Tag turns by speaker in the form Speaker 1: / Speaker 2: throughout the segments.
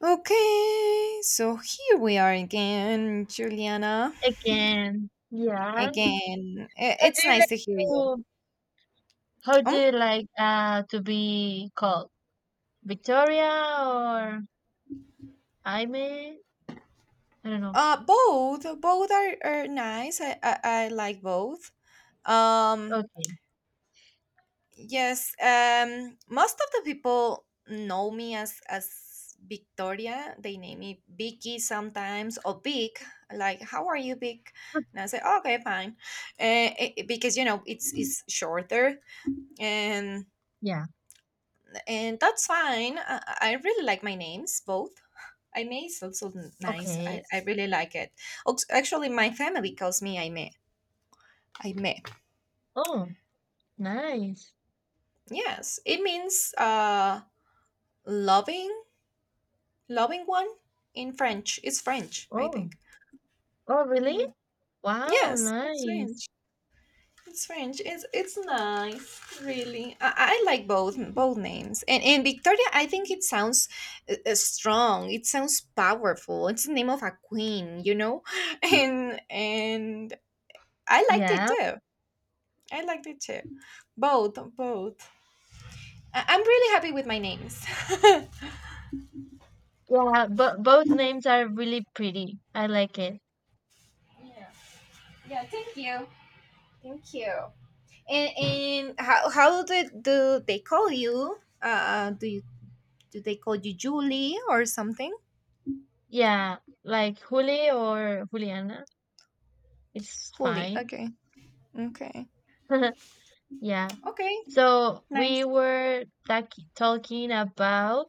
Speaker 1: Okay, so here we are again, Juliana.
Speaker 2: Again. Yeah.
Speaker 1: Again,
Speaker 2: How do
Speaker 1: it's
Speaker 2: you like
Speaker 1: nice to hear you.
Speaker 2: to how do
Speaker 1: Um,
Speaker 2: you like to be called? Victoria or Aime? I don't know.
Speaker 1: both, both are nice. I like both. Um,
Speaker 2: Okay.
Speaker 1: yes. Most of the people know me as Victoria. They name me Vicky sometimes or Vic. Like, how are you, Vic? And I say, okay, fine, because it's shorter and
Speaker 2: Yeah.
Speaker 1: and that's fine. I really like my names, both. Aime is also nice. I,
Speaker 2: Okay.
Speaker 1: I really like it. Actually, my family calls me Aime. Aime.
Speaker 2: Oh, nice.
Speaker 1: Yes, it means loving, loving one in French. It's French, I
Speaker 2: Oh.
Speaker 1: think.
Speaker 2: Oh, really?
Speaker 1: Mm.
Speaker 2: Wow,
Speaker 1: Yes, that's
Speaker 2: nice.
Speaker 1: French. It's French. It's nice, really. I like both names. And Victoria, I think it sounds strong. It sounds powerful. It's the name of a queen. And I liked it
Speaker 2: Yeah.
Speaker 1: too. I liked it too. Both, both. I'm really happy with my names.
Speaker 2: Yeah, but both names are really pretty. I like it.
Speaker 1: Yeah. Yeah. Thank you. Thank you. And how do they call you? Uh, do you do they call you Julie or something?
Speaker 2: Yeah, like Juli or Juliana. It's
Speaker 1: Holy.
Speaker 2: fine.
Speaker 1: Okay. Okay.
Speaker 2: Yeah.
Speaker 1: Okay,
Speaker 2: So we
Speaker 1: nice.
Speaker 2: were talking about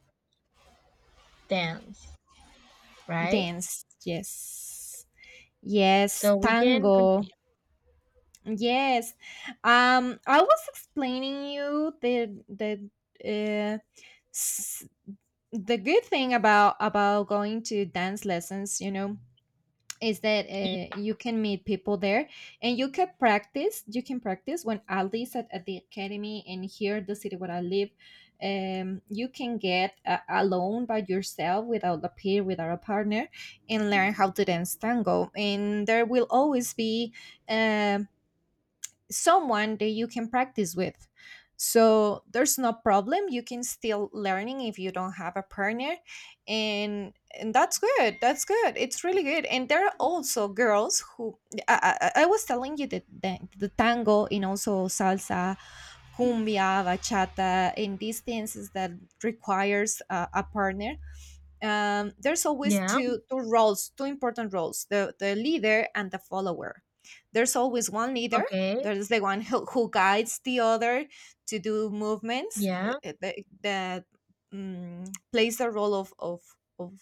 Speaker 2: dance, right?
Speaker 1: Dance, yes. Yes,
Speaker 2: So we can continue.
Speaker 1: tango. Yes. I was explaining you the uh, s- the good thing about going to dance lessons. Is that you can meet people there, and you can practice when at least at the academy. And here the city where I live, you can get alone by yourself without a peer, without a partner, and learn how to dance tango, and there will always be um, someone that you can practice with. So there's no problem. You can still learning if you don't have a partner, and that's good. That's good. It's really good. And there are also girls who I was telling you that the tango and also salsa, cumbia, bachata, and these dances that requires a partner, there's always
Speaker 2: Yeah.
Speaker 1: two roles, two important roles: the leader and the follower. There's always one leader.
Speaker 2: Okay.
Speaker 1: There's the one who guides the other to do movements
Speaker 2: Yeah.
Speaker 1: that, that um, plays the role of, of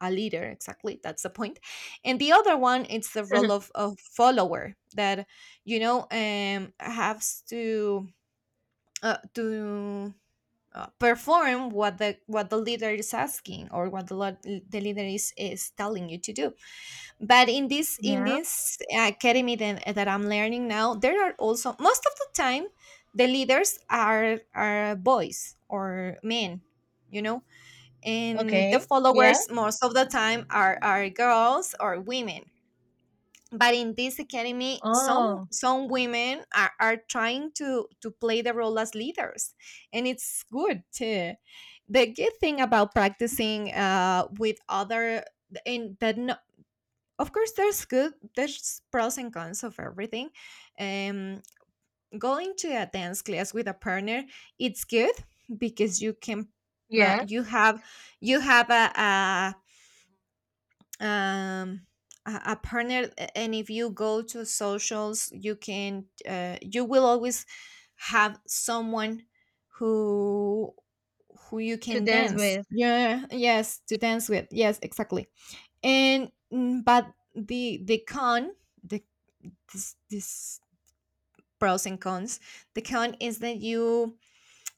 Speaker 1: a leader. Exactly, that's the point. And the other one, it's the role of follower that has to to perform what the leader is asking, or what the the leader is telling you to do. But in this in
Speaker 2: Yeah.
Speaker 1: this academy that, that I'm learning now, there are also, most of the time, the leaders are boys or men you know and the
Speaker 2: Okay. Yeah.
Speaker 1: followers most of the time are girls or women. But in this academy, some
Speaker 2: Oh,
Speaker 1: some women are trying to play the role as leaders, and it's good too. The good thing about practicing with other, and that no, of course there's good, there's pros and cons of everything. um Going to a dance class with a partner, it's good because you can uh,
Speaker 2: yeah.
Speaker 1: you have you have um a partner, and if you go to socials, you can you will always have someone who who you
Speaker 2: To
Speaker 1: can
Speaker 2: dance
Speaker 1: dance,
Speaker 2: with.
Speaker 1: yeah, yes, to dance with, yes, exactly. And but the con, the, this pros and cons, the con is that you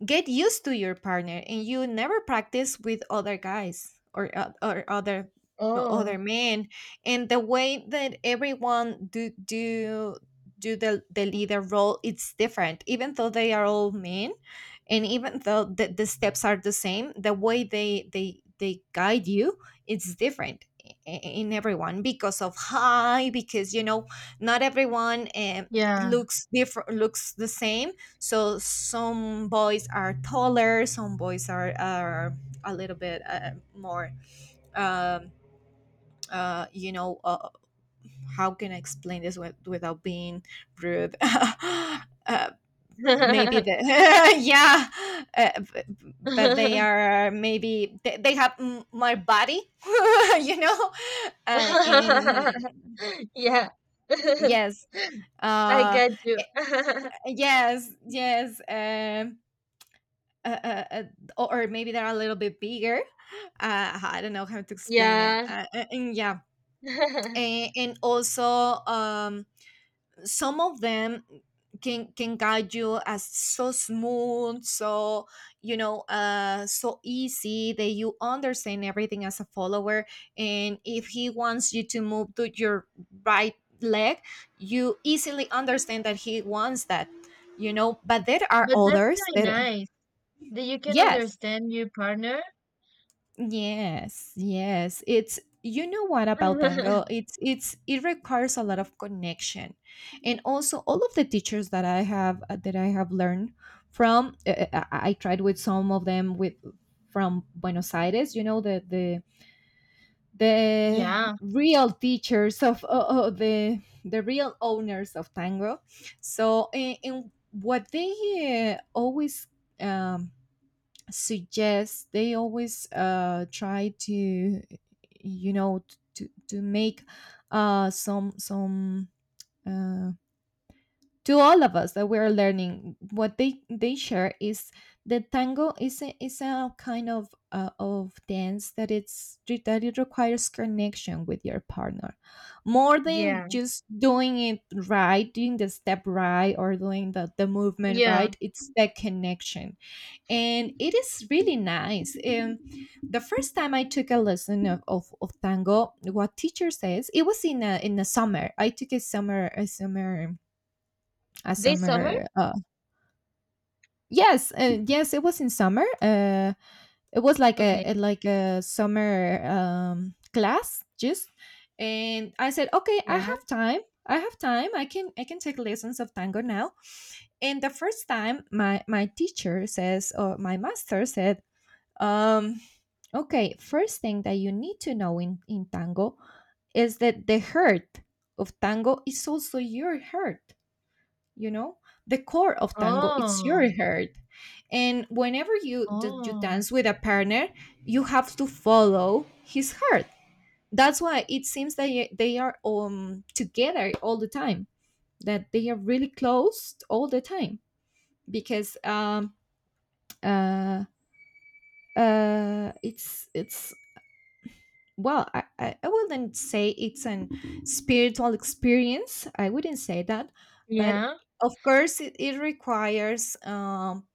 Speaker 1: get used to your partner and you never practice with other guys, or or other
Speaker 2: Oh,
Speaker 1: men. And the way that everyone do the leader role, it's different, even though they are all men. And even though the steps are the same, the way they guide you, it's different in everyone, because of high, because not everyone
Speaker 2: yeah.
Speaker 1: looks different, looks the same. So some boys are taller, some boys are a little bit more. Um, uh, you know, uh, how can I explain this without being rude? Maybe the yeah, but they are, maybe they have more body, you know, in
Speaker 2: Yeah.
Speaker 1: yes.
Speaker 2: I
Speaker 1: Uh,
Speaker 2: got you.
Speaker 1: e, yes, yes. Uh, uh, uh, or maybe they're a little bit bigger. I don't know how to explain it.
Speaker 2: Yeah.
Speaker 1: And yeah,
Speaker 2: But
Speaker 1: and also um, some of them can guide you as so smooth, so so easy that you understand everything as a follower. And if he wants you to move to your right leg, you easily understand that he wants that. You know, but there are
Speaker 2: that's
Speaker 1: others
Speaker 2: really
Speaker 1: that
Speaker 2: nice that you can
Speaker 1: yes.
Speaker 2: understand your partner.
Speaker 1: Yes, yes. It's, you know, what about tango? It requires a lot of connection. And also all of the teachers that I have, learned from. I tried with some of them, with from Buenos Aires. You know, the
Speaker 2: Yeah,
Speaker 1: real teachers of the real owners of tango. So, and what they always. Um, suggest, they always try to, you know, to make some uh to all of us that we're learning, what they share is the tango is a kind of dance that it requires connection with your partner, more than
Speaker 2: yeah,
Speaker 1: just doing it right, doing the step right, or doing the movement
Speaker 2: yeah.
Speaker 1: right. It's that connection, and it is really nice. The first time I took a lesson of tango, what teacher says, it was in a summer. I took a
Speaker 2: This summer?
Speaker 1: summer. Yes, yes, it was in summer. It was like a,
Speaker 2: Okay.
Speaker 1: a- like a summer class, just. And I said, okay, I
Speaker 2: Yeah.
Speaker 1: have time. I have time. I can take lessons of tango now. And the first time, my teacher says, or my master said, um okay, first thing that you need to know in tango, is that the heart of tango is also your heart, you know? The core of tango, it's
Speaker 2: Oh,
Speaker 1: your heart. And whenever you that you
Speaker 2: oh.
Speaker 1: dance with a partner, you have to follow his heart. That's why it seems that they are together all the time, that they are really close all the time, because uh it's well, I wouldn't say it's an spiritual experience, I wouldn't say that, but
Speaker 2: Yeah,
Speaker 1: of course it requires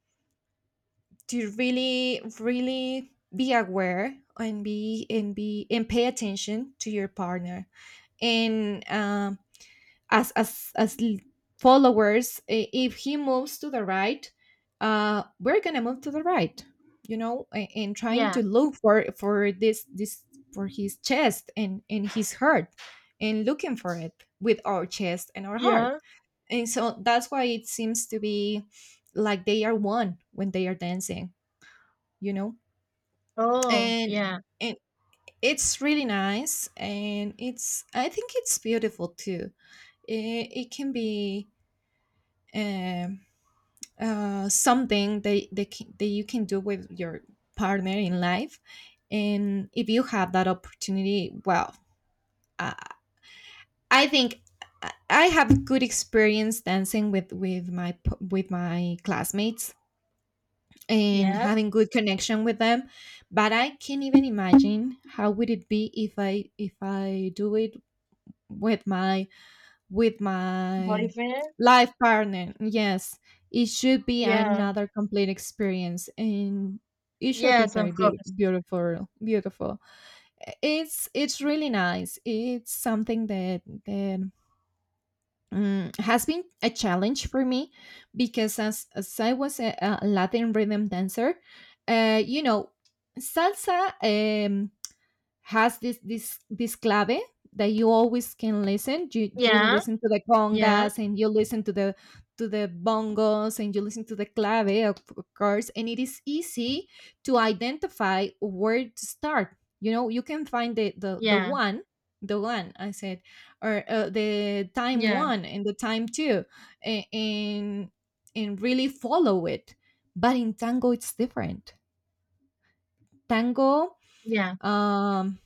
Speaker 1: to really really be aware, and pay attention to your partner, and as followers, if he moves to the right, we're gonna move to the right, and trying
Speaker 2: yeah,
Speaker 1: to look for this for his chest and his heart, and looking for it with our chest and our heart.
Speaker 2: yeah.
Speaker 1: And so that's why it seems to be like they are one when they are dancing you know
Speaker 2: Oh,
Speaker 1: and
Speaker 2: yeah,
Speaker 1: and it's really nice. And it's I think it's beautiful too. It can be uh, something that you can do with your partner in life, and if you have that opportunity, well, uh, I think I have good experience dancing with my classmates, and
Speaker 2: yeah.
Speaker 1: having good connection with them. But I can't even imagine how would it be if I if I do it with my
Speaker 2: Boyfriend?
Speaker 1: life partner. Yes, it should be
Speaker 2: Yeah.
Speaker 1: another complete experience, and it should be
Speaker 2: Yes,
Speaker 1: very
Speaker 2: of course.
Speaker 1: beautiful. Beautiful. It's really nice. It's something that has been a challenge for me, because as I was a Latin rhythm dancer, you know, salsa. Has this this clave that you always can listen. You
Speaker 2: Yeah,
Speaker 1: listen to the
Speaker 2: yeah,
Speaker 1: congas, and you listen to the bongos, and you listen to the clave, of course, and it is easy to identify where to start. You know, you can find the
Speaker 2: yeah,
Speaker 1: one, the one I said, or the time
Speaker 2: yeah,
Speaker 1: one and the time two, a- and and really follow it. But in tango, it's different. Tango,
Speaker 2: yeah,
Speaker 1: um,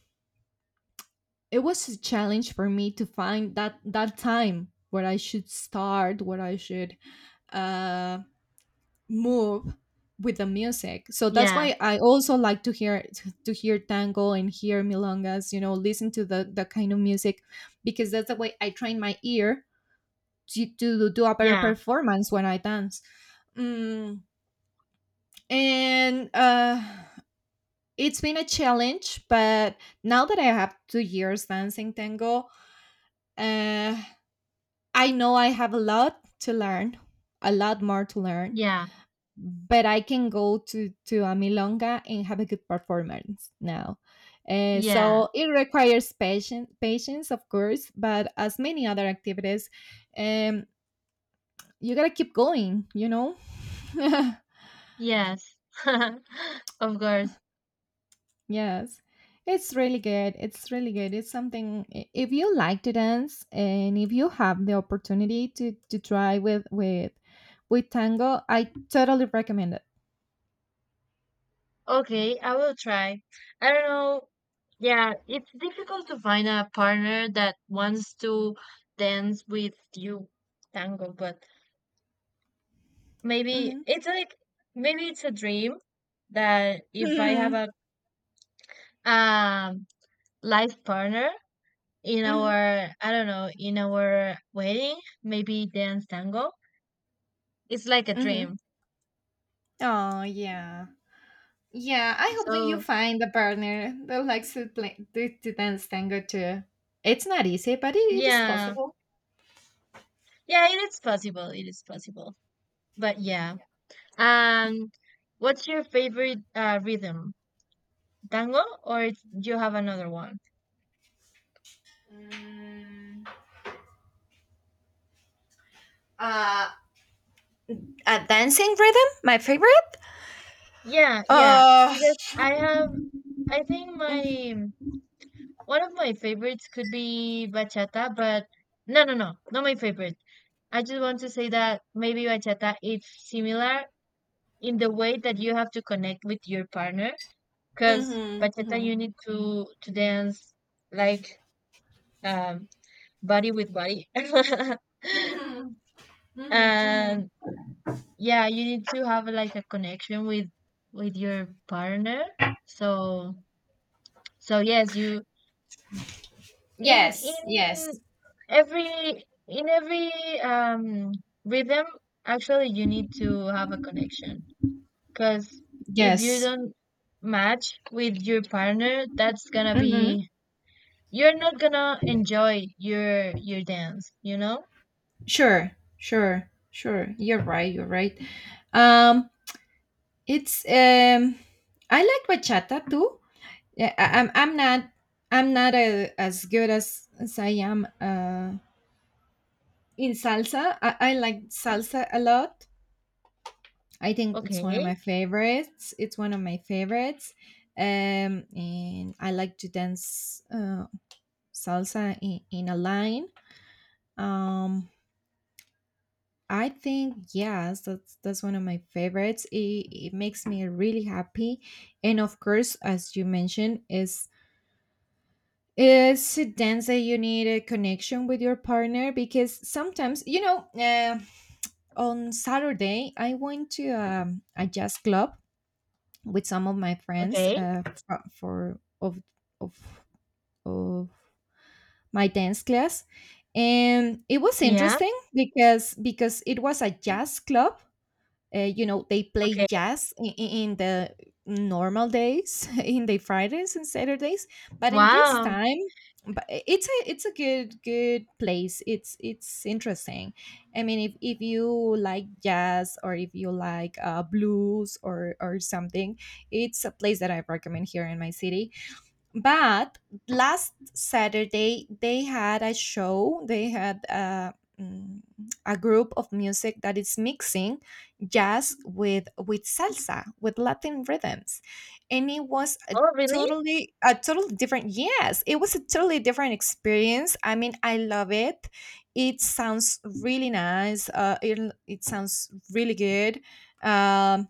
Speaker 1: it was a challenge for me to find that time where I should start, where I should uh, move with the music. So that's
Speaker 2: yeah,
Speaker 1: why I also like to hear tango and hear milongas. You know, listen to the kind of music, because that's the way I train my ear to do a better
Speaker 2: yeah,
Speaker 1: performance when I dance. Mm, and it's been a challenge, but now that I have 2 years dancing tango, uh, I know I have a lot to learn, a lot more to learn,
Speaker 2: yeah,
Speaker 1: but I can go to a milonga and have a good performance now.
Speaker 2: yeah.
Speaker 1: So it requires patience, patience, of course, but as many other activities, um, you gotta keep going.
Speaker 2: Yes. Of course.
Speaker 1: Yes. It's really good. It's really good. It's something if you like to dance and if you have the opportunity to try with tango, I totally recommend it.
Speaker 2: Okay, I will try. I don't know. Yeah, it's difficult to find a partner that wants to dance with you tango, but maybe
Speaker 1: Mm-hmm.
Speaker 2: it's like, maybe it's a dream that if I have
Speaker 1: Mhm,
Speaker 2: a um life partner, in
Speaker 1: mhm,
Speaker 2: our, I don't know, in our wedding, maybe dance tango. It's like a
Speaker 1: mhm.
Speaker 2: dream.
Speaker 1: Oh, yeah. Yeah, I hope that you
Speaker 2: So,
Speaker 1: find a partner that likes to to dance tango too. It's not easy, but it is
Speaker 2: yeah.
Speaker 1: possible.
Speaker 2: Yeah, it is possible. It is possible. But yeah. And what's your favorite rhythm? Tango, or it's, do you have another one?
Speaker 1: Mm, uh, a dancing rhythm, my favorite.
Speaker 2: Yeah, yeah.
Speaker 1: Uh,
Speaker 2: Because I have, I think my, one of my favorites could be bachata, but no, no, no, not my favorite. I just want to say that maybe bachata is similar in the way that you have to connect with your partner, because bachata
Speaker 1: mhm.
Speaker 2: you need to dance like, um body with body.
Speaker 1: Mhm, mhm.
Speaker 2: And yeah, you need to have like a connection with your partner, so yes, you in
Speaker 1: Yes,
Speaker 2: in in every um rhythm, actually, you need to have a connection, because if you
Speaker 1: yes.
Speaker 2: don't match with your partner, that's gonna
Speaker 1: Hmm.
Speaker 2: be, you're not gonna enjoy your dance, you know.
Speaker 1: Sure, sure, sure. You're right. You're right. Um, it's I like bachata too. yeah I, i'm i'm not I'm not as good as I am in salsa. I like salsa a lot. I think it's one of
Speaker 2: Okay.
Speaker 1: my favorites. And I like to dance salsa in a line. Um i think yes, that's one of my favorites. It makes me really happy. And of course, as you mentioned, is it's dance that you need a connection with your partner because sometimes, you know, on Saturday, I went to a jazz club with some of my friends
Speaker 2: Okay.
Speaker 1: for of, of my dance class. And it was
Speaker 2: Yeah.
Speaker 1: interesting because it was a jazz club, you know, they play
Speaker 2: Okay.
Speaker 1: jazz in the normal days in the Fridays and Saturdays, but in this
Speaker 2: Wow.
Speaker 1: time. But it's a good good place, it's interesting. I mean, if you like jazz or if you like blues or something, it's a place that I recommend here in my city. But last Saturday they had a show. They had a, mm, a group of music that is mixing jazz with salsa, with Latin rhythms, and it was a
Speaker 2: Oh, really.
Speaker 1: totally different. Yes, it was a totally different experience. I mean, I love it. It sounds really nice. It sounds really good. Um,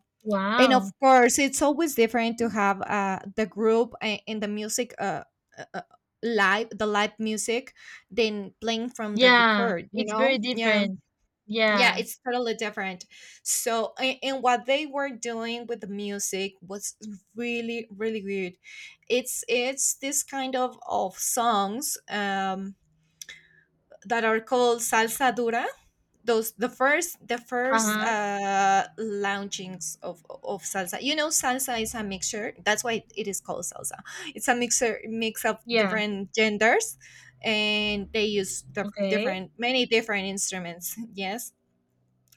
Speaker 1: and
Speaker 2: Wow.
Speaker 1: of course it's always different to have the group and the music uh, uh, live the live music than playing from the
Speaker 2: Yeah,
Speaker 1: record, you
Speaker 2: it's very
Speaker 1: know. Yeah,
Speaker 2: different.
Speaker 1: yeah,
Speaker 2: Yeah.
Speaker 1: it's totally different. So and what they were doing with the music was really good. It's this kind of songs, that are called salsa dura. Those the first, the first
Speaker 2: Uh-huh.
Speaker 1: launchings of salsa. You know, salsa is a mixture. That's why it is called salsa. It's a mix of
Speaker 2: Yeah.
Speaker 1: different genders, and they use the
Speaker 2: Okay.
Speaker 1: different, many different instruments. Yes,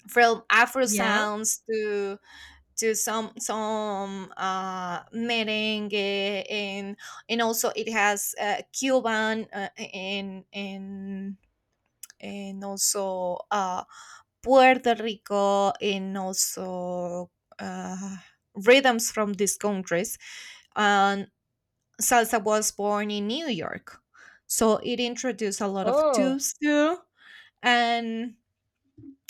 Speaker 1: from Afro
Speaker 2: Yeah.
Speaker 1: sounds to some, merengue and also it has Cuban and also Puerto Rico, and also uh, rhythms from these countries. And salsa was born in New York, so it introduced a lot of
Speaker 2: Oh,
Speaker 1: tubes too, and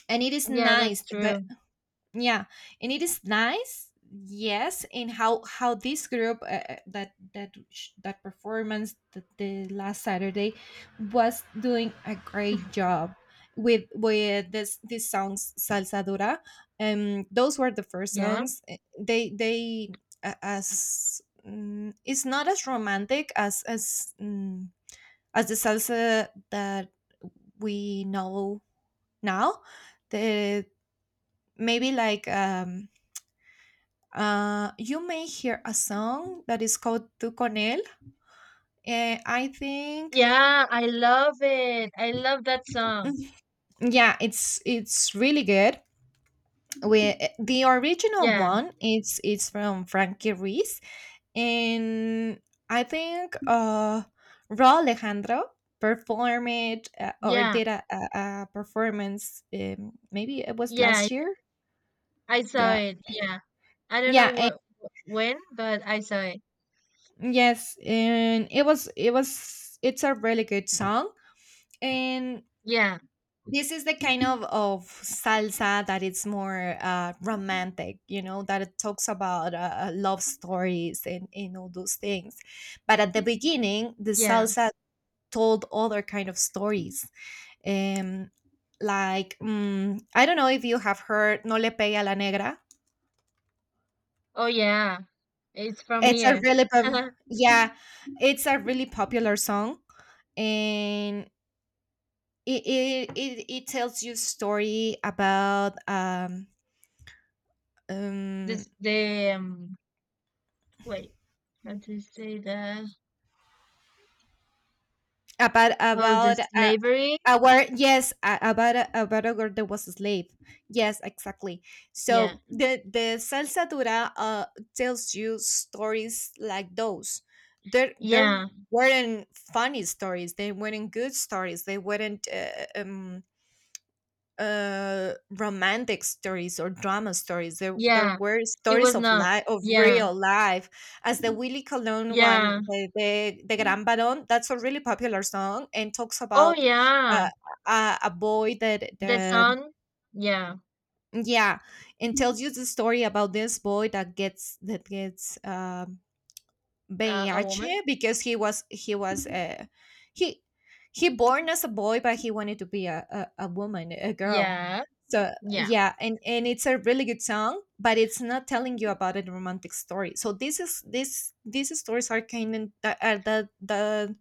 Speaker 1: and it is
Speaker 2: yeah, that's
Speaker 1: nice, but
Speaker 2: true.
Speaker 1: yeah and it is nice. Yes, and how this group, that performance, the last Saturday, was doing a great job with this, these songs, salsa dura. Um, those were the first
Speaker 2: Yeah.
Speaker 1: songs. They as, it's not as romantic as as the salsa that we know now. The maybe like, you may hear a song that is called Tu Con Él. I think,
Speaker 2: Yeah, I love it. I love that song.
Speaker 1: mhm, yeah, it's really good. We the original
Speaker 2: Yeah.
Speaker 1: one, it's from Frankie Ruiz, and I think Ra Alejandro performed or
Speaker 2: Yeah.
Speaker 1: did a performance. Maybe it was
Speaker 2: Yeah.
Speaker 1: last
Speaker 2: Yeah.
Speaker 1: year.
Speaker 2: I saw
Speaker 1: Yeah,
Speaker 2: it. Yeah. I don't know
Speaker 1: yeah,
Speaker 2: when, but I saw it.
Speaker 1: and, yes, and it was it's a really good song. And
Speaker 2: Yeah.
Speaker 1: this is the kind of salsa that it's more romantic, you know, that it talks about love stories and all those things. But at the beginning, the
Speaker 2: Yeah.
Speaker 1: salsa told other kind of stories. Um, like, I don't know if you have heard No Le Pegue a la Negra.
Speaker 2: Oh, yeah. It's from
Speaker 1: It's a
Speaker 2: here.
Speaker 1: really, yeah, it's a really popular song. And it tells you story um,
Speaker 2: This the Wait. How to say that?
Speaker 1: about
Speaker 2: Oh, the
Speaker 1: about
Speaker 2: slavery?
Speaker 1: our yes, about a girl that was a slave. Yes, exactly.
Speaker 2: Yeah.
Speaker 1: So the salsa dura, tells you stories like those. There
Speaker 2: Yeah.
Speaker 1: weren't funny stories, they weren't good stories, they weren't romantic stories or drama stories, there
Speaker 2: Yeah,
Speaker 1: were
Speaker 2: it was
Speaker 1: stories of
Speaker 2: not.
Speaker 1: life, of
Speaker 2: Yeah,
Speaker 1: real life. As the Willy colon
Speaker 2: yeah.
Speaker 1: one, the the Gran Barón, that's a really popular song and talks
Speaker 2: Oh,
Speaker 1: about
Speaker 2: yeah.
Speaker 1: uh, a boy that
Speaker 2: The
Speaker 1: that,
Speaker 2: son. Yeah,
Speaker 1: yeah, and tells you the story about this boy that gets
Speaker 2: a
Speaker 1: VIH
Speaker 2: woman.
Speaker 1: because he was, he he born as a boy but he wanted to be a woman, a girl.
Speaker 2: Yeah,
Speaker 1: So
Speaker 2: yeah,
Speaker 1: yeah, and it's a really good song but it's not telling you about a romantic story. So this is, this, these stories are kind of the, are the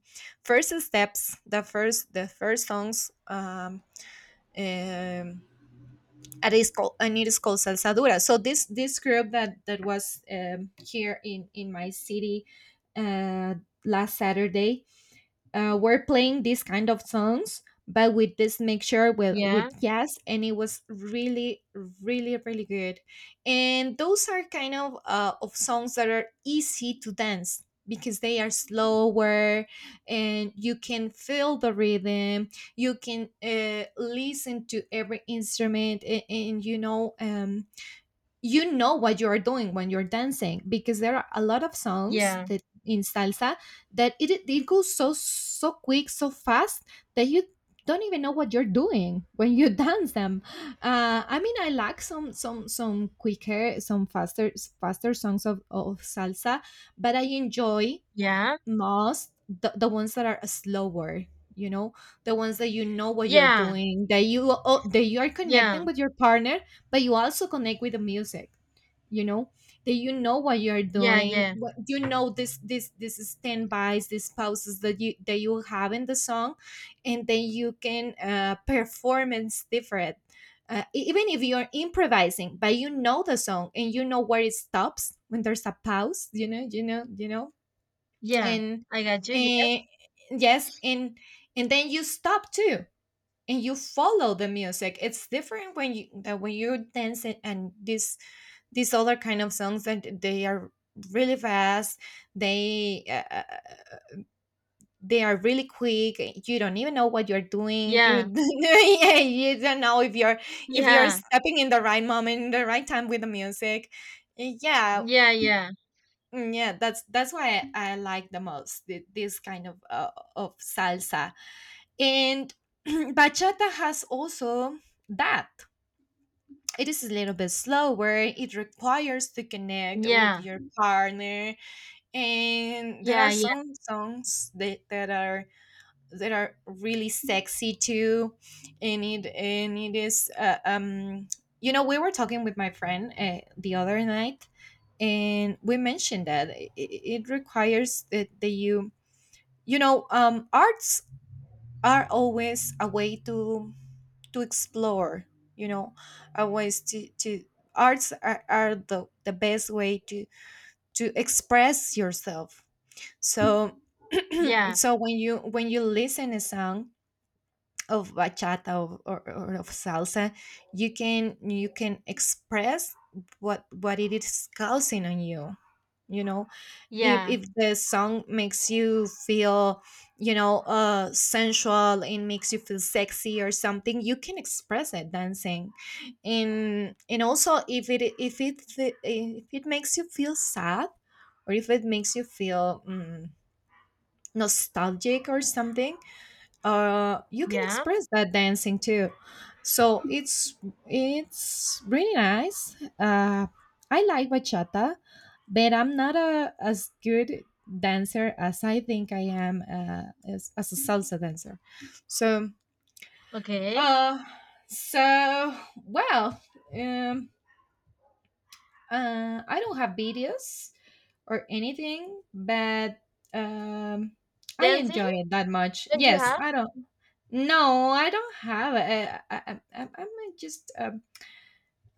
Speaker 1: first steps, the first, the first songs, um at is called, and it is called Salsadura. So this group that that was, here in my city, uh, last Saturday, were playing these kind of songs, but with this mixture
Speaker 2: yeah,
Speaker 1: with jazz, and it was really, really good. And those are kind of songs that are easy to dance because they are slower, and you can feel the rhythm. You can listen to every instrument, and you know. You know what you are doing when you're dancing, because there are a lot of songs
Speaker 2: yeah,
Speaker 1: that in salsa that it goes so so quick, so fast, that you don't even know what you're doing when you dance them. I mean, I like some, some quicker, some faster, faster songs of salsa, but I enjoy
Speaker 2: yeah,
Speaker 1: most the ones that are slower, you know, the ones that you know what you're doing, that you, oh, that you are
Speaker 2: yeah,
Speaker 1: connecting with your partner, but you also connect with the music, you know, that you know what you're
Speaker 2: yeah, yeah,
Speaker 1: doing,
Speaker 2: yeah,
Speaker 1: what you know, this standbys, these pauses that you, that you have in the song, and then you can performance different, even if you're improvising, but you know the song and you know where it stops, when there's a pause, you know, you know, you know.
Speaker 2: yeah.
Speaker 1: and
Speaker 2: I got you.
Speaker 1: and yes, and then you stop too, and you follow the music. It's different when you, that when you're dancing, and this, these other kind of songs that they are really fast, they uh, uh, they are really quick, you don't even know what you're doing, you
Speaker 2: Yeah,
Speaker 1: you don't know if you're, if you're
Speaker 2: yeah,
Speaker 1: stepping in the right moment, in the right time with the music. Yeah.
Speaker 2: yeah, yeah,
Speaker 1: Yeah, that's why I like the most this kind of salsa. And bachata has also that, it is a little bit slower, it requires to connect with
Speaker 2: yeah,
Speaker 1: your partner, and there
Speaker 2: yeah,
Speaker 1: are
Speaker 2: yeah,
Speaker 1: some songs that are, that are really sexy too. And it is you know, we were talking with my friend the other night, and we mentioned that it requires that you know, arts are always a way to explore, you know, a ways to arts are the best way to express yourself. So
Speaker 2: yeah, yeah,
Speaker 1: so when you, when you listen a song of bachata of, or of salsa, you can, you can express what it is causing on you. You know, if
Speaker 2: yeah.
Speaker 1: if the song makes you feel, you know, sensual, and makes you feel sexy or something, you can express it dancing. And also if it, if it makes you feel sad, or if it makes you feel, nostalgic or something, you can
Speaker 2: Yeah.
Speaker 1: express that dancing too. So it's really nice. I like bachata, but I'm not a as good dancer as I think I am, as a salsa dancer. So
Speaker 2: Okay.
Speaker 1: uh so well um I don't have videos or anything, but um I
Speaker 2: Dancing
Speaker 1: enjoy it that much.
Speaker 2: that you
Speaker 1: Yes,
Speaker 2: have,
Speaker 1: I don't. No, I don't have. I'm just,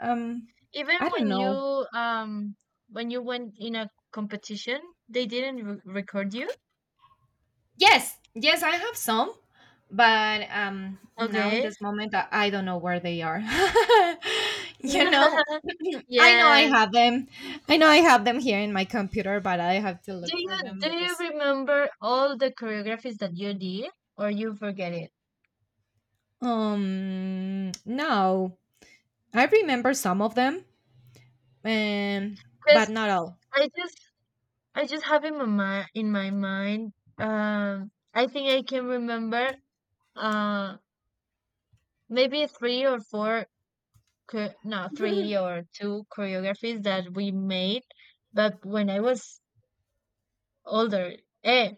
Speaker 1: um,
Speaker 2: even
Speaker 1: I don't know.
Speaker 2: um when you went in a competition, they didn't re record you.
Speaker 1: Yes, yes, I have some, but now in
Speaker 2: Okay.
Speaker 1: this moment, I don't know where they are. You know, I know I
Speaker 2: Yes.
Speaker 1: have them. I know I have them here in my computer, but I have to
Speaker 2: Do
Speaker 1: look
Speaker 2: you
Speaker 1: for them
Speaker 2: do you
Speaker 1: because
Speaker 2: remember all the choreographies that you did, or you forget it?
Speaker 1: no, I remember some of them, um, but
Speaker 2: Because
Speaker 1: not all.
Speaker 2: I just, have in my mind, in my mind. I think I can remember. Uh, maybe three or four. No, three or two choreographies that we made, but when I was older, eh,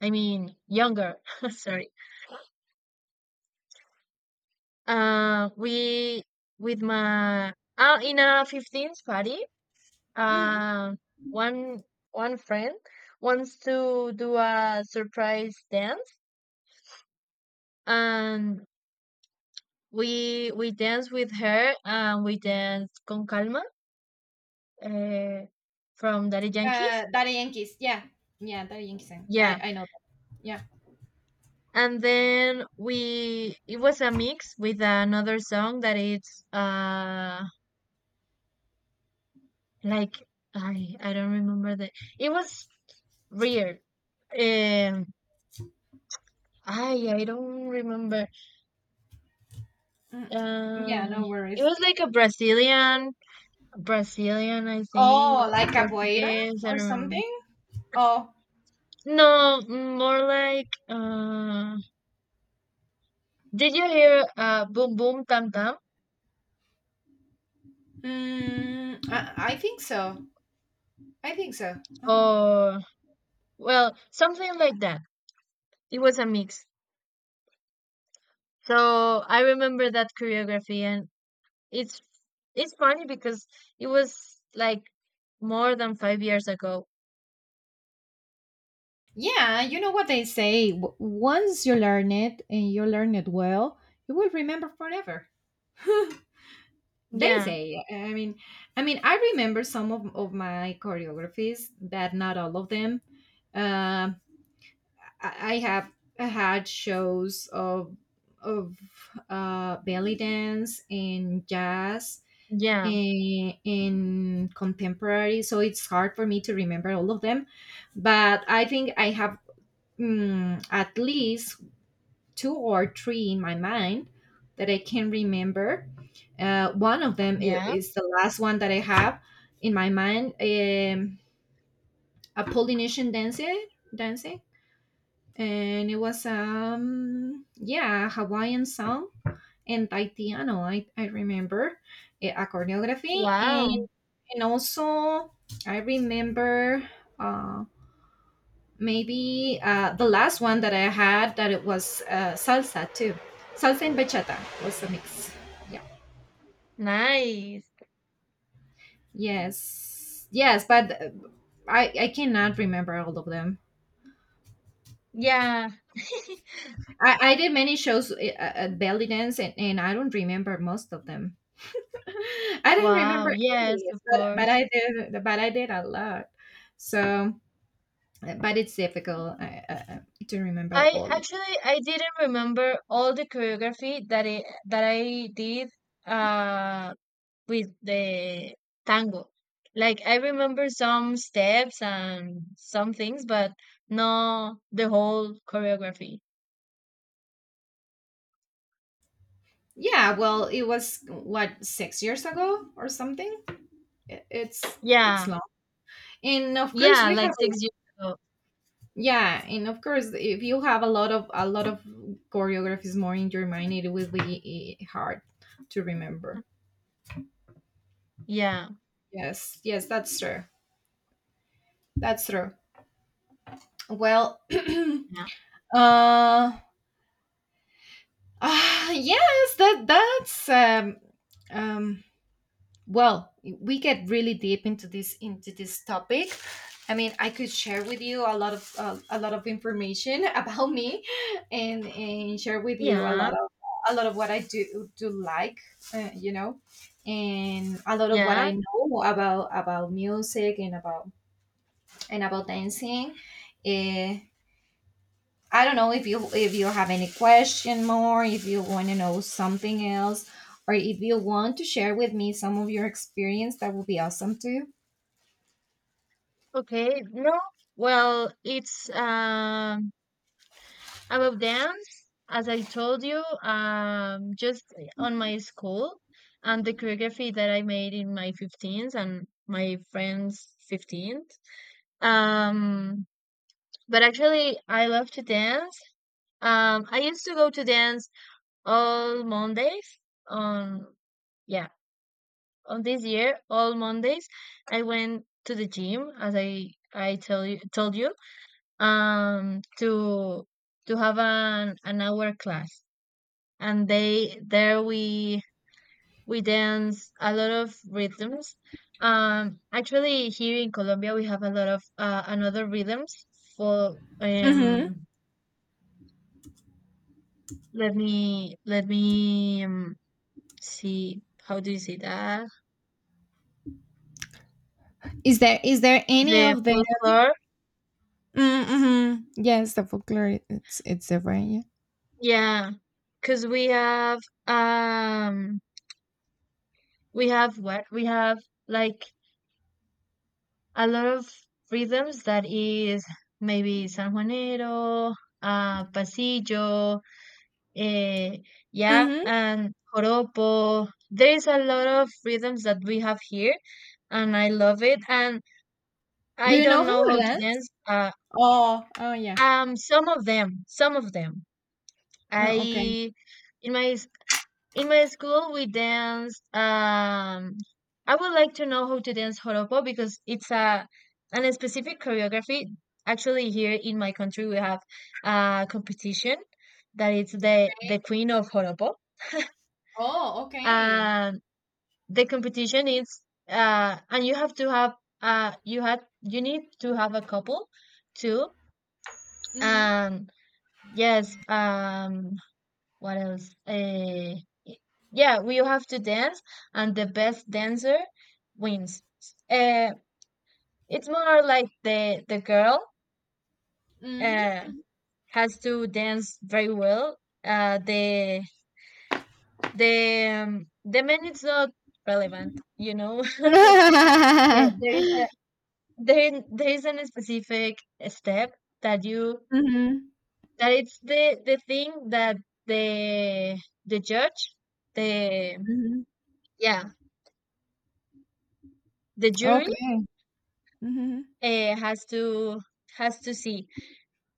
Speaker 2: I mean younger. Sorry. We with my In a 15th party,
Speaker 1: Mhm.
Speaker 2: uh, one one friend wants to do a surprise dance, and we dance with her, and we dance con calma, uh, from Daddy Yankees.
Speaker 1: Daddy Yankees. Yeah, yeah, Daddy Yankees. Eh.
Speaker 2: Yeah,
Speaker 1: I know. That. Yeah,
Speaker 2: and then we it was a mix with another song that it's like, I don't remember the it was weird. Um I don't remember.
Speaker 1: mm, yeah.
Speaker 2: Uh
Speaker 1: No
Speaker 2: it
Speaker 1: worries.
Speaker 2: was like a Brazilian, I think,
Speaker 1: Oh,
Speaker 2: or
Speaker 1: like capoeira
Speaker 2: Portuguese. I don't
Speaker 1: or
Speaker 2: remember.
Speaker 1: something. Oh,
Speaker 2: No, more like, did you hear, boom boom tam tam?
Speaker 1: I think so. I think so. Uh-huh.
Speaker 2: Or well, something like that. It was a mix. So I remember that choreography. And It's it's funny because it was like more than 5 years ago.
Speaker 1: Yeah, you know what they say. Once you learn it and you learn it well, you will remember forever. They
Speaker 2: Yeah,
Speaker 1: say. I mean, I remember some of my choreographies, but not all of them. Um, I have had shows of of belly dance and jazz
Speaker 2: yeah,
Speaker 1: and contemporary, so it's hard for me to remember all of them. But I think I have at least two or three in my mind that I can remember. One of them
Speaker 2: yeah.
Speaker 1: is the last one that I have in my mind. A Polynesian dance, dancing, and it was yeah, a Hawaiian song and taitiano. I remember a choreography,
Speaker 2: Wow,
Speaker 1: and also I remember uh maybe the last one that I had, that it was salsa too. Salsa and bachata was a mix. Yeah.
Speaker 2: nice.
Speaker 1: Yes. Yes, but I cannot remember all of them.
Speaker 2: Yeah.
Speaker 1: I did many shows at belly dance, and I don't remember most of them. I don't
Speaker 2: Wow,
Speaker 1: remember
Speaker 2: yes,
Speaker 1: any,
Speaker 2: of
Speaker 1: but but
Speaker 2: course.
Speaker 1: I did but I did a lot. So, but it's difficult to remember
Speaker 2: I
Speaker 1: all.
Speaker 2: actually I didn't remember all the choreography that I did uh with the tango. Like, I remember some steps and some things, but no, the whole choreography.
Speaker 1: Yeah, well, it was what 6 years ago or something. It's it's
Speaker 2: Yeah.
Speaker 1: long, and of course
Speaker 2: Yeah,
Speaker 1: we
Speaker 2: like
Speaker 1: have.
Speaker 2: 6 years ago.
Speaker 1: Yeah, and of course if you have a lot of choreographies more in your mind, it will be hard to remember.
Speaker 2: Yeah.
Speaker 1: Yes, yes, that's true. That's true. Well,
Speaker 2: Yeah.
Speaker 1: uh, Ah, yes, that's um, well, we get really deep into this topic. I mean, I could share with you a lot of information about me, and share with you
Speaker 2: Yeah.
Speaker 1: a lot of what I do like, you know, and a lot of what
Speaker 2: Yeah.
Speaker 1: I know about music and about dancing. Uh, I don't know if you have any question more, if you want to know something else, or if you want to share with me some of your experience, that would be awesome too.
Speaker 2: Okay. No. Well, it's, about dance, as I told you, just on my school and the choreography that I made in my 15s and my friends' 15th. Um but actually I love to dance. I used to go to dance all Mondays on, yeah, of this year, all Mondays, I went to the gym, as I tell you told you, to have an hour class, and they there we dance a lot of rhythms. Actually, here in Colombia, we have a lot of, another rhythms for.
Speaker 1: Mm-hmm.
Speaker 2: Let me, see. How do you say that?
Speaker 1: Is there any
Speaker 2: The
Speaker 1: of the
Speaker 2: folklore.
Speaker 1: Mm-hmm. Yes, the folklore? It's different. Yeah.
Speaker 2: Yeah, cause um we have what? We have, like, a lot of rhythms that is maybe San Juanero, pasillo, eh, yeah,
Speaker 1: Mm-hmm.
Speaker 2: and joropo. There's a lot of rhythms that we have here, and I love it, and
Speaker 1: Do
Speaker 2: I
Speaker 1: you know
Speaker 2: don't know how to
Speaker 1: Hooligans?
Speaker 2: dance,
Speaker 1: Oh oh yeah.
Speaker 2: some of them, some of them.
Speaker 1: Oh, okay.
Speaker 2: I In my In my school, we danced. I would like to know how to dance joropo because it's a specific choreography. Actually, here in my country, we have a competition that it's the
Speaker 1: Okay.
Speaker 2: the queen of joropo.
Speaker 1: Oh okay.
Speaker 2: Um, the competition is and you have to have you had you need to have a couple too.
Speaker 1: Mhm.
Speaker 2: And yes, what else? Y- yeah, we have to dance, and the best dancer wins. Uh, it's more like the girl
Speaker 1: Mhm.
Speaker 2: uh, has to dance very well. Uh, the the men, it's not relevant, you know. Uh, there is
Speaker 1: Mm-hmm.
Speaker 2: a there there is a specific step that you
Speaker 1: Mhm.
Speaker 2: that it's the thing that the the judge, the
Speaker 1: Mhm.
Speaker 2: yeah, the jury,
Speaker 1: Okay. Mm-hmm.
Speaker 2: uh, has to has to see.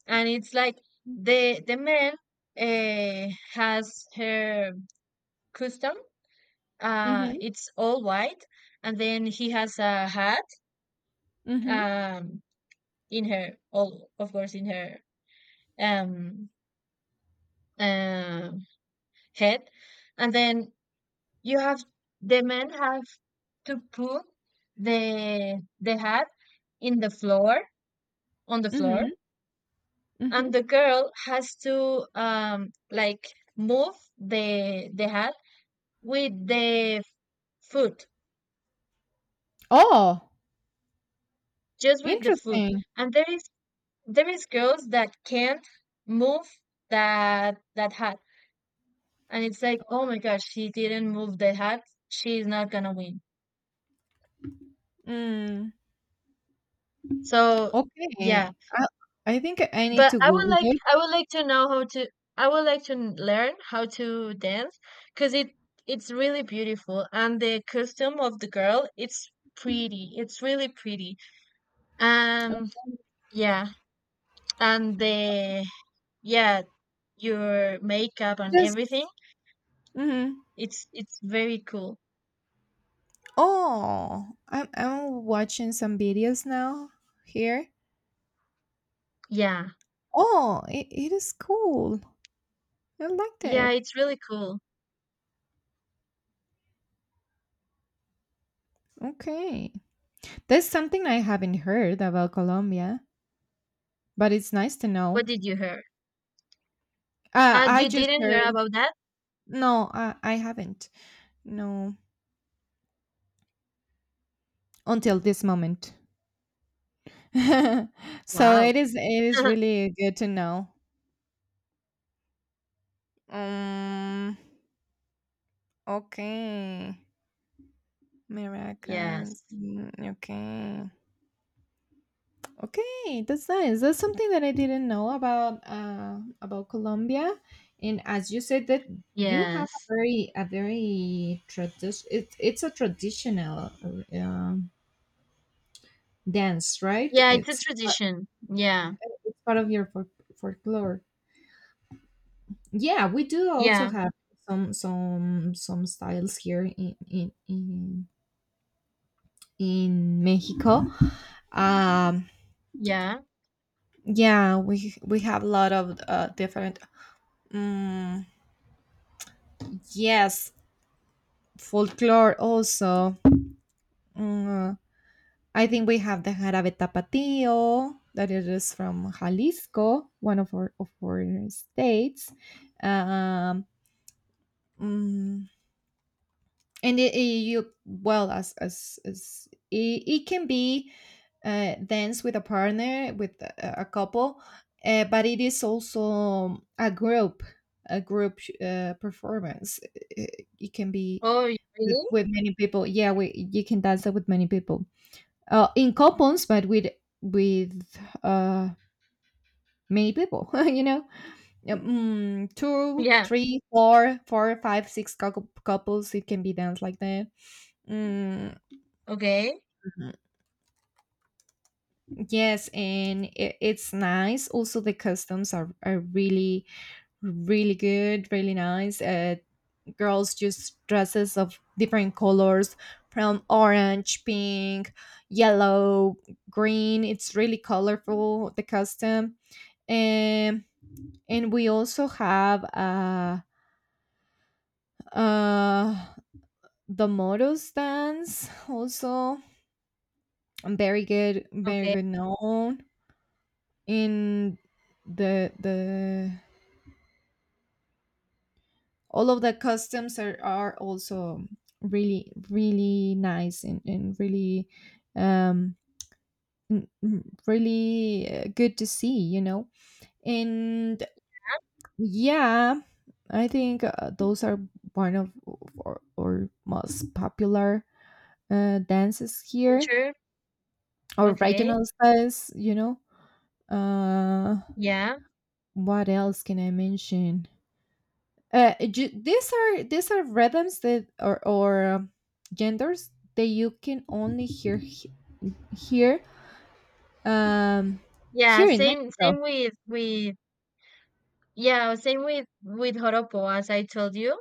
Speaker 2: And it's like, the man has her custom,
Speaker 1: Hmm.
Speaker 2: it's all white, and then he has a hat
Speaker 1: Hmm.
Speaker 2: um in her all of course, in her, um uh, head. And then you have the men have to put the hat in the floor on the floor, and
Speaker 1: Hmm.
Speaker 2: the girl has to, like, move the hat with the foot,
Speaker 1: Oh,
Speaker 2: just with the foot.
Speaker 1: interesting.
Speaker 2: And there is girls that can't move that hat, and it's like, oh my gosh, she didn't move the hat, she's not gonna win,
Speaker 1: Mm,
Speaker 2: so yeah.
Speaker 1: okay. I think I need
Speaker 2: But
Speaker 1: to Google it.
Speaker 2: I would like to know how to, I would like to n- learn how to dance, because it's really beautiful, and the costume of the girl, it's really pretty, um yeah, and the yeah, your makeup and
Speaker 1: Just
Speaker 2: everything,
Speaker 1: hmm.
Speaker 2: it's very cool.
Speaker 1: Oh, I'm watching some videos now here.
Speaker 2: Yeah,
Speaker 1: Oh, it is cool. I like
Speaker 2: yeah,
Speaker 1: that.
Speaker 2: it's really cool.
Speaker 1: Okay. That's something I haven't heard about Colombia, but it's nice to
Speaker 2: What
Speaker 1: know.
Speaker 2: did you hear?
Speaker 1: I
Speaker 2: You
Speaker 1: just
Speaker 2: didn't hear
Speaker 1: heard
Speaker 2: about that?
Speaker 1: no, I haven't. No, until this moment. So
Speaker 2: Wow.
Speaker 1: it is really good to know. Um, okay. Maracas.
Speaker 2: Yes,
Speaker 1: Okay. Okay, that's nice. That's something that I didn't know about Colombia. And as you said that you have
Speaker 2: yes,
Speaker 1: a very tradition, it's a traditional um, dance, right?
Speaker 2: yeah, it's a tradition, yeah,
Speaker 1: It's part of your folklore. Yeah, we do also
Speaker 2: yeah.
Speaker 1: have some styles here in Mexico. Um
Speaker 2: Yeah.
Speaker 1: Yeah, we have a lot of different. Mm, yes, folklore also. Mm, I think we have the jarabe tapatio that it is from Jalisco, one of our states. Um, mm, and you, well, as it can be danced with a partner, with a couple, but it is also a group a group performance. It can be
Speaker 2: Oh, really?
Speaker 1: with many people. Yeah, we, you can dance it with many people in couples, but with uh, many people you know, two
Speaker 2: Yeah.
Speaker 1: three four four five six couples, it can be danced like that. mm,
Speaker 2: Okay.
Speaker 1: Yes, and it's nice. Also, the customs are really, really good, really nice. Girls just dresses of different colors, from orange, pink, yellow, green. It's really colorful, the custom. And, and we also have uh, the motos dance, also very good, very
Speaker 2: Okay.
Speaker 1: good known in the all of the customs are also really, really nice and really um really good to see, you know, and yeah, I think those are one of or most popular dances here,
Speaker 2: Culture.
Speaker 1: or
Speaker 2: Okay.
Speaker 1: regional styles, you know. uh
Speaker 2: Yeah.
Speaker 1: what else can I mention? These are rhythms that, or genders that you can only hear here, um
Speaker 2: Yeah.
Speaker 1: here in
Speaker 2: Same.
Speaker 1: Mexico.
Speaker 2: Same with, yeah. Same with Joropo, as I told you.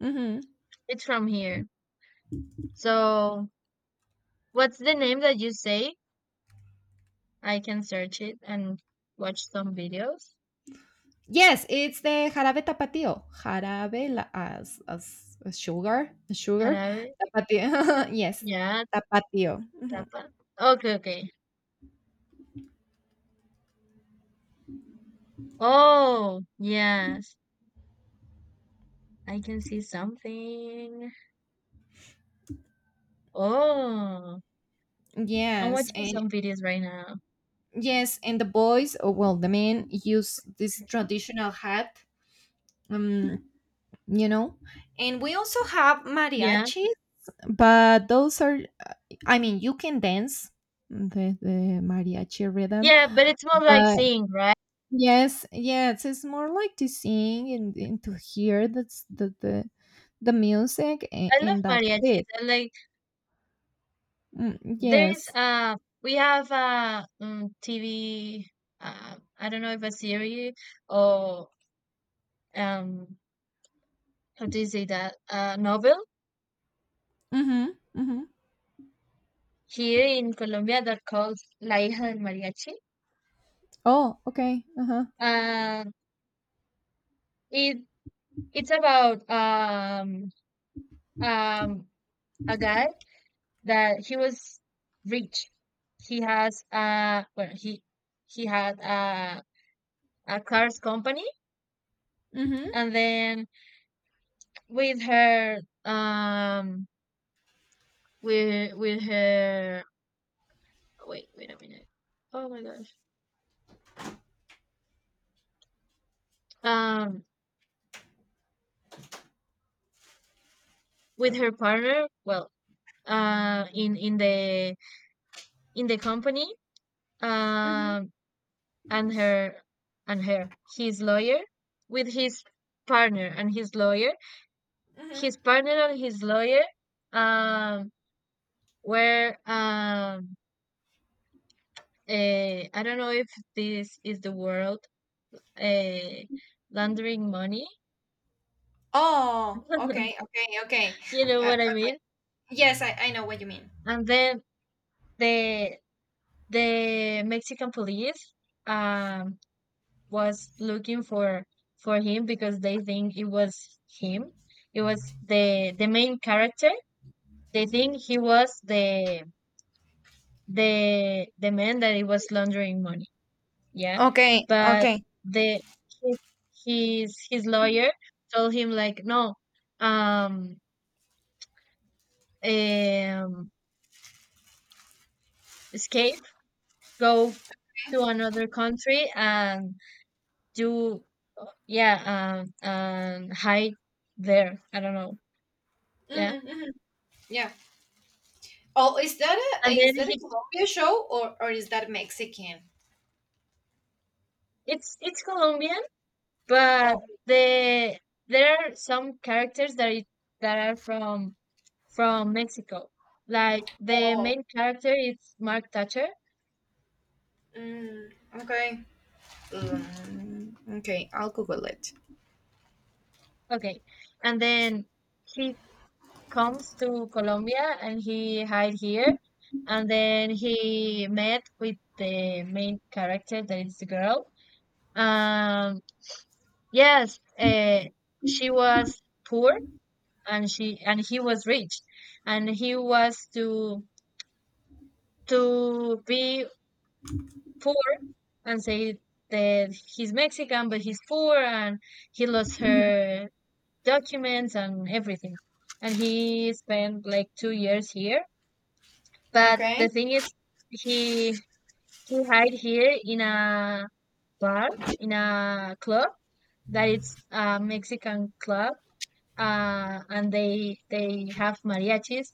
Speaker 1: Hmm.
Speaker 2: It's from here. So, what's the name that you say? I can search it and watch some videos.
Speaker 1: Yes, it's the jarabe tapatio. Jarabe la, as sugar, sugar
Speaker 2: Jarabe.
Speaker 1: tapatio. Yes,
Speaker 2: Yeah.
Speaker 1: tapatio. Mhm.
Speaker 2: Tapa. Okay. Okay. Oh, yes. I can see something. Oh, I'm
Speaker 1: Yes,
Speaker 2: watching
Speaker 1: and
Speaker 2: some videos right now.
Speaker 1: yes, and the boys, or well, the men use this traditional hat. Um, you know, and we also have
Speaker 2: Yeah.
Speaker 1: mariachis, but those are, I mean, you can dance the mariachi rhythm,
Speaker 2: Yeah, but it's more like
Speaker 1: but
Speaker 2: sing, right?
Speaker 1: yes, yes, it's more like to sing and to hear, that's the music
Speaker 2: I love
Speaker 1: and that's
Speaker 2: mariachis.
Speaker 1: it.
Speaker 2: I like There's
Speaker 1: Yes.
Speaker 2: we have, TV, I don't know if a series, or um how do you say that, novel,
Speaker 1: Mm-hmm, mm-hmm.
Speaker 2: here in Colombia, that called La Hija del Mariachi.
Speaker 1: Oh okay, uh-huh.
Speaker 2: Uh, it it's about, um a guy that he was rich. He has Well, he had, a car's company,
Speaker 1: Mm-hmm,
Speaker 2: and then, with her um with her wait, wait a minute, oh my gosh, um with her partner, well, uh in in the in the company
Speaker 1: mm-hmm,
Speaker 2: um and her and her his lawyer, with partner and his lawyer his
Speaker 1: mm-hmm.
Speaker 2: partner and his lawyer, um were, I don't know if this is the world, eh, laundering money.
Speaker 1: Oh, okay, okay, okay.
Speaker 2: You know what I
Speaker 1: Okay.
Speaker 2: mean?
Speaker 1: Yes, I know what you mean.
Speaker 2: And then the the Mexican police, um was looking for him, because they think it was him. It was the main character. They think he was the man that he was laundering money. Yeah.
Speaker 1: Okay,
Speaker 2: But
Speaker 1: okay.
Speaker 2: the his his lawyer told him, like, no, um um escape, go to another country, and do, yeah, and hide there, I don't know, yeah.
Speaker 1: Mm-hmm, mm-hmm. Yeah. Oh,
Speaker 2: And then
Speaker 1: is that a
Speaker 2: he
Speaker 1: Colombia show, or is that Mexican?
Speaker 2: it's Colombian, but
Speaker 1: Oh,
Speaker 2: the there are some characters that are from Mexico, like the
Speaker 1: oh,
Speaker 2: main character is Mark Thatcher.
Speaker 1: mm, okay, Mm, okay. I'll Google it.
Speaker 2: Okay. And then he comes to Colombia and he hide here, and then he met with the main character that is the girl um Yes, she was poor, and he was rich, and he was to be poor and say that he's Mexican, but he's poor and he lost
Speaker 1: Mhm.
Speaker 2: her documents and everything. And he spent like 2 years here. But
Speaker 1: Okay.
Speaker 2: the thing is, he he hide here in a bar, in a club that it's a Mexican club, and they have mariachis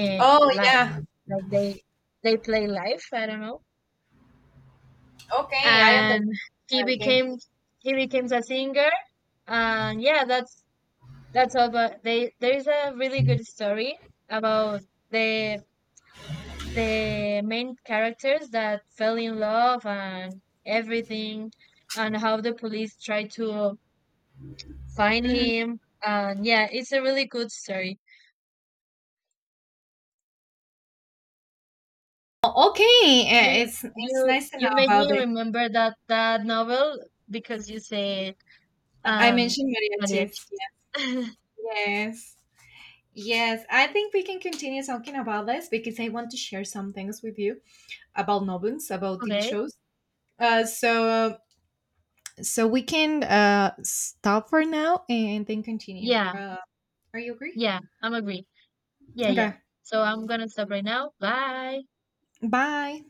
Speaker 2: uh,
Speaker 1: Oh
Speaker 2: live,
Speaker 1: yeah.
Speaker 2: like they play live. I don't know.
Speaker 1: Okay, I understand.
Speaker 2: And he
Speaker 1: Okay.
Speaker 2: became he became a singer, and yeah, that's all. But they There is a really good story about the the main characters that fell in love and everything, and how the police tried to find
Speaker 1: Mhm.
Speaker 2: him. And yeah, it's a really good story.
Speaker 1: Oh, okay,
Speaker 2: Do
Speaker 1: it's
Speaker 2: you
Speaker 1: nice to
Speaker 2: You
Speaker 1: know
Speaker 2: made
Speaker 1: about
Speaker 2: me
Speaker 1: it.
Speaker 2: remember that novel because you said,
Speaker 1: I
Speaker 2: um
Speaker 1: mentioned
Speaker 2: mariachi.
Speaker 1: mariachis. Yes. Yes, I think we can continue talking about this, because I want to share some things with you about novels, about TV
Speaker 2: Okay.
Speaker 1: shows. So So we can stop for now and then continue.
Speaker 2: Yeah,
Speaker 1: Are you agree?
Speaker 2: yeah, I'm agree. Yeah, yeah.
Speaker 1: Okay.
Speaker 2: So I'm gonna stop right now. Bye.
Speaker 1: Bye.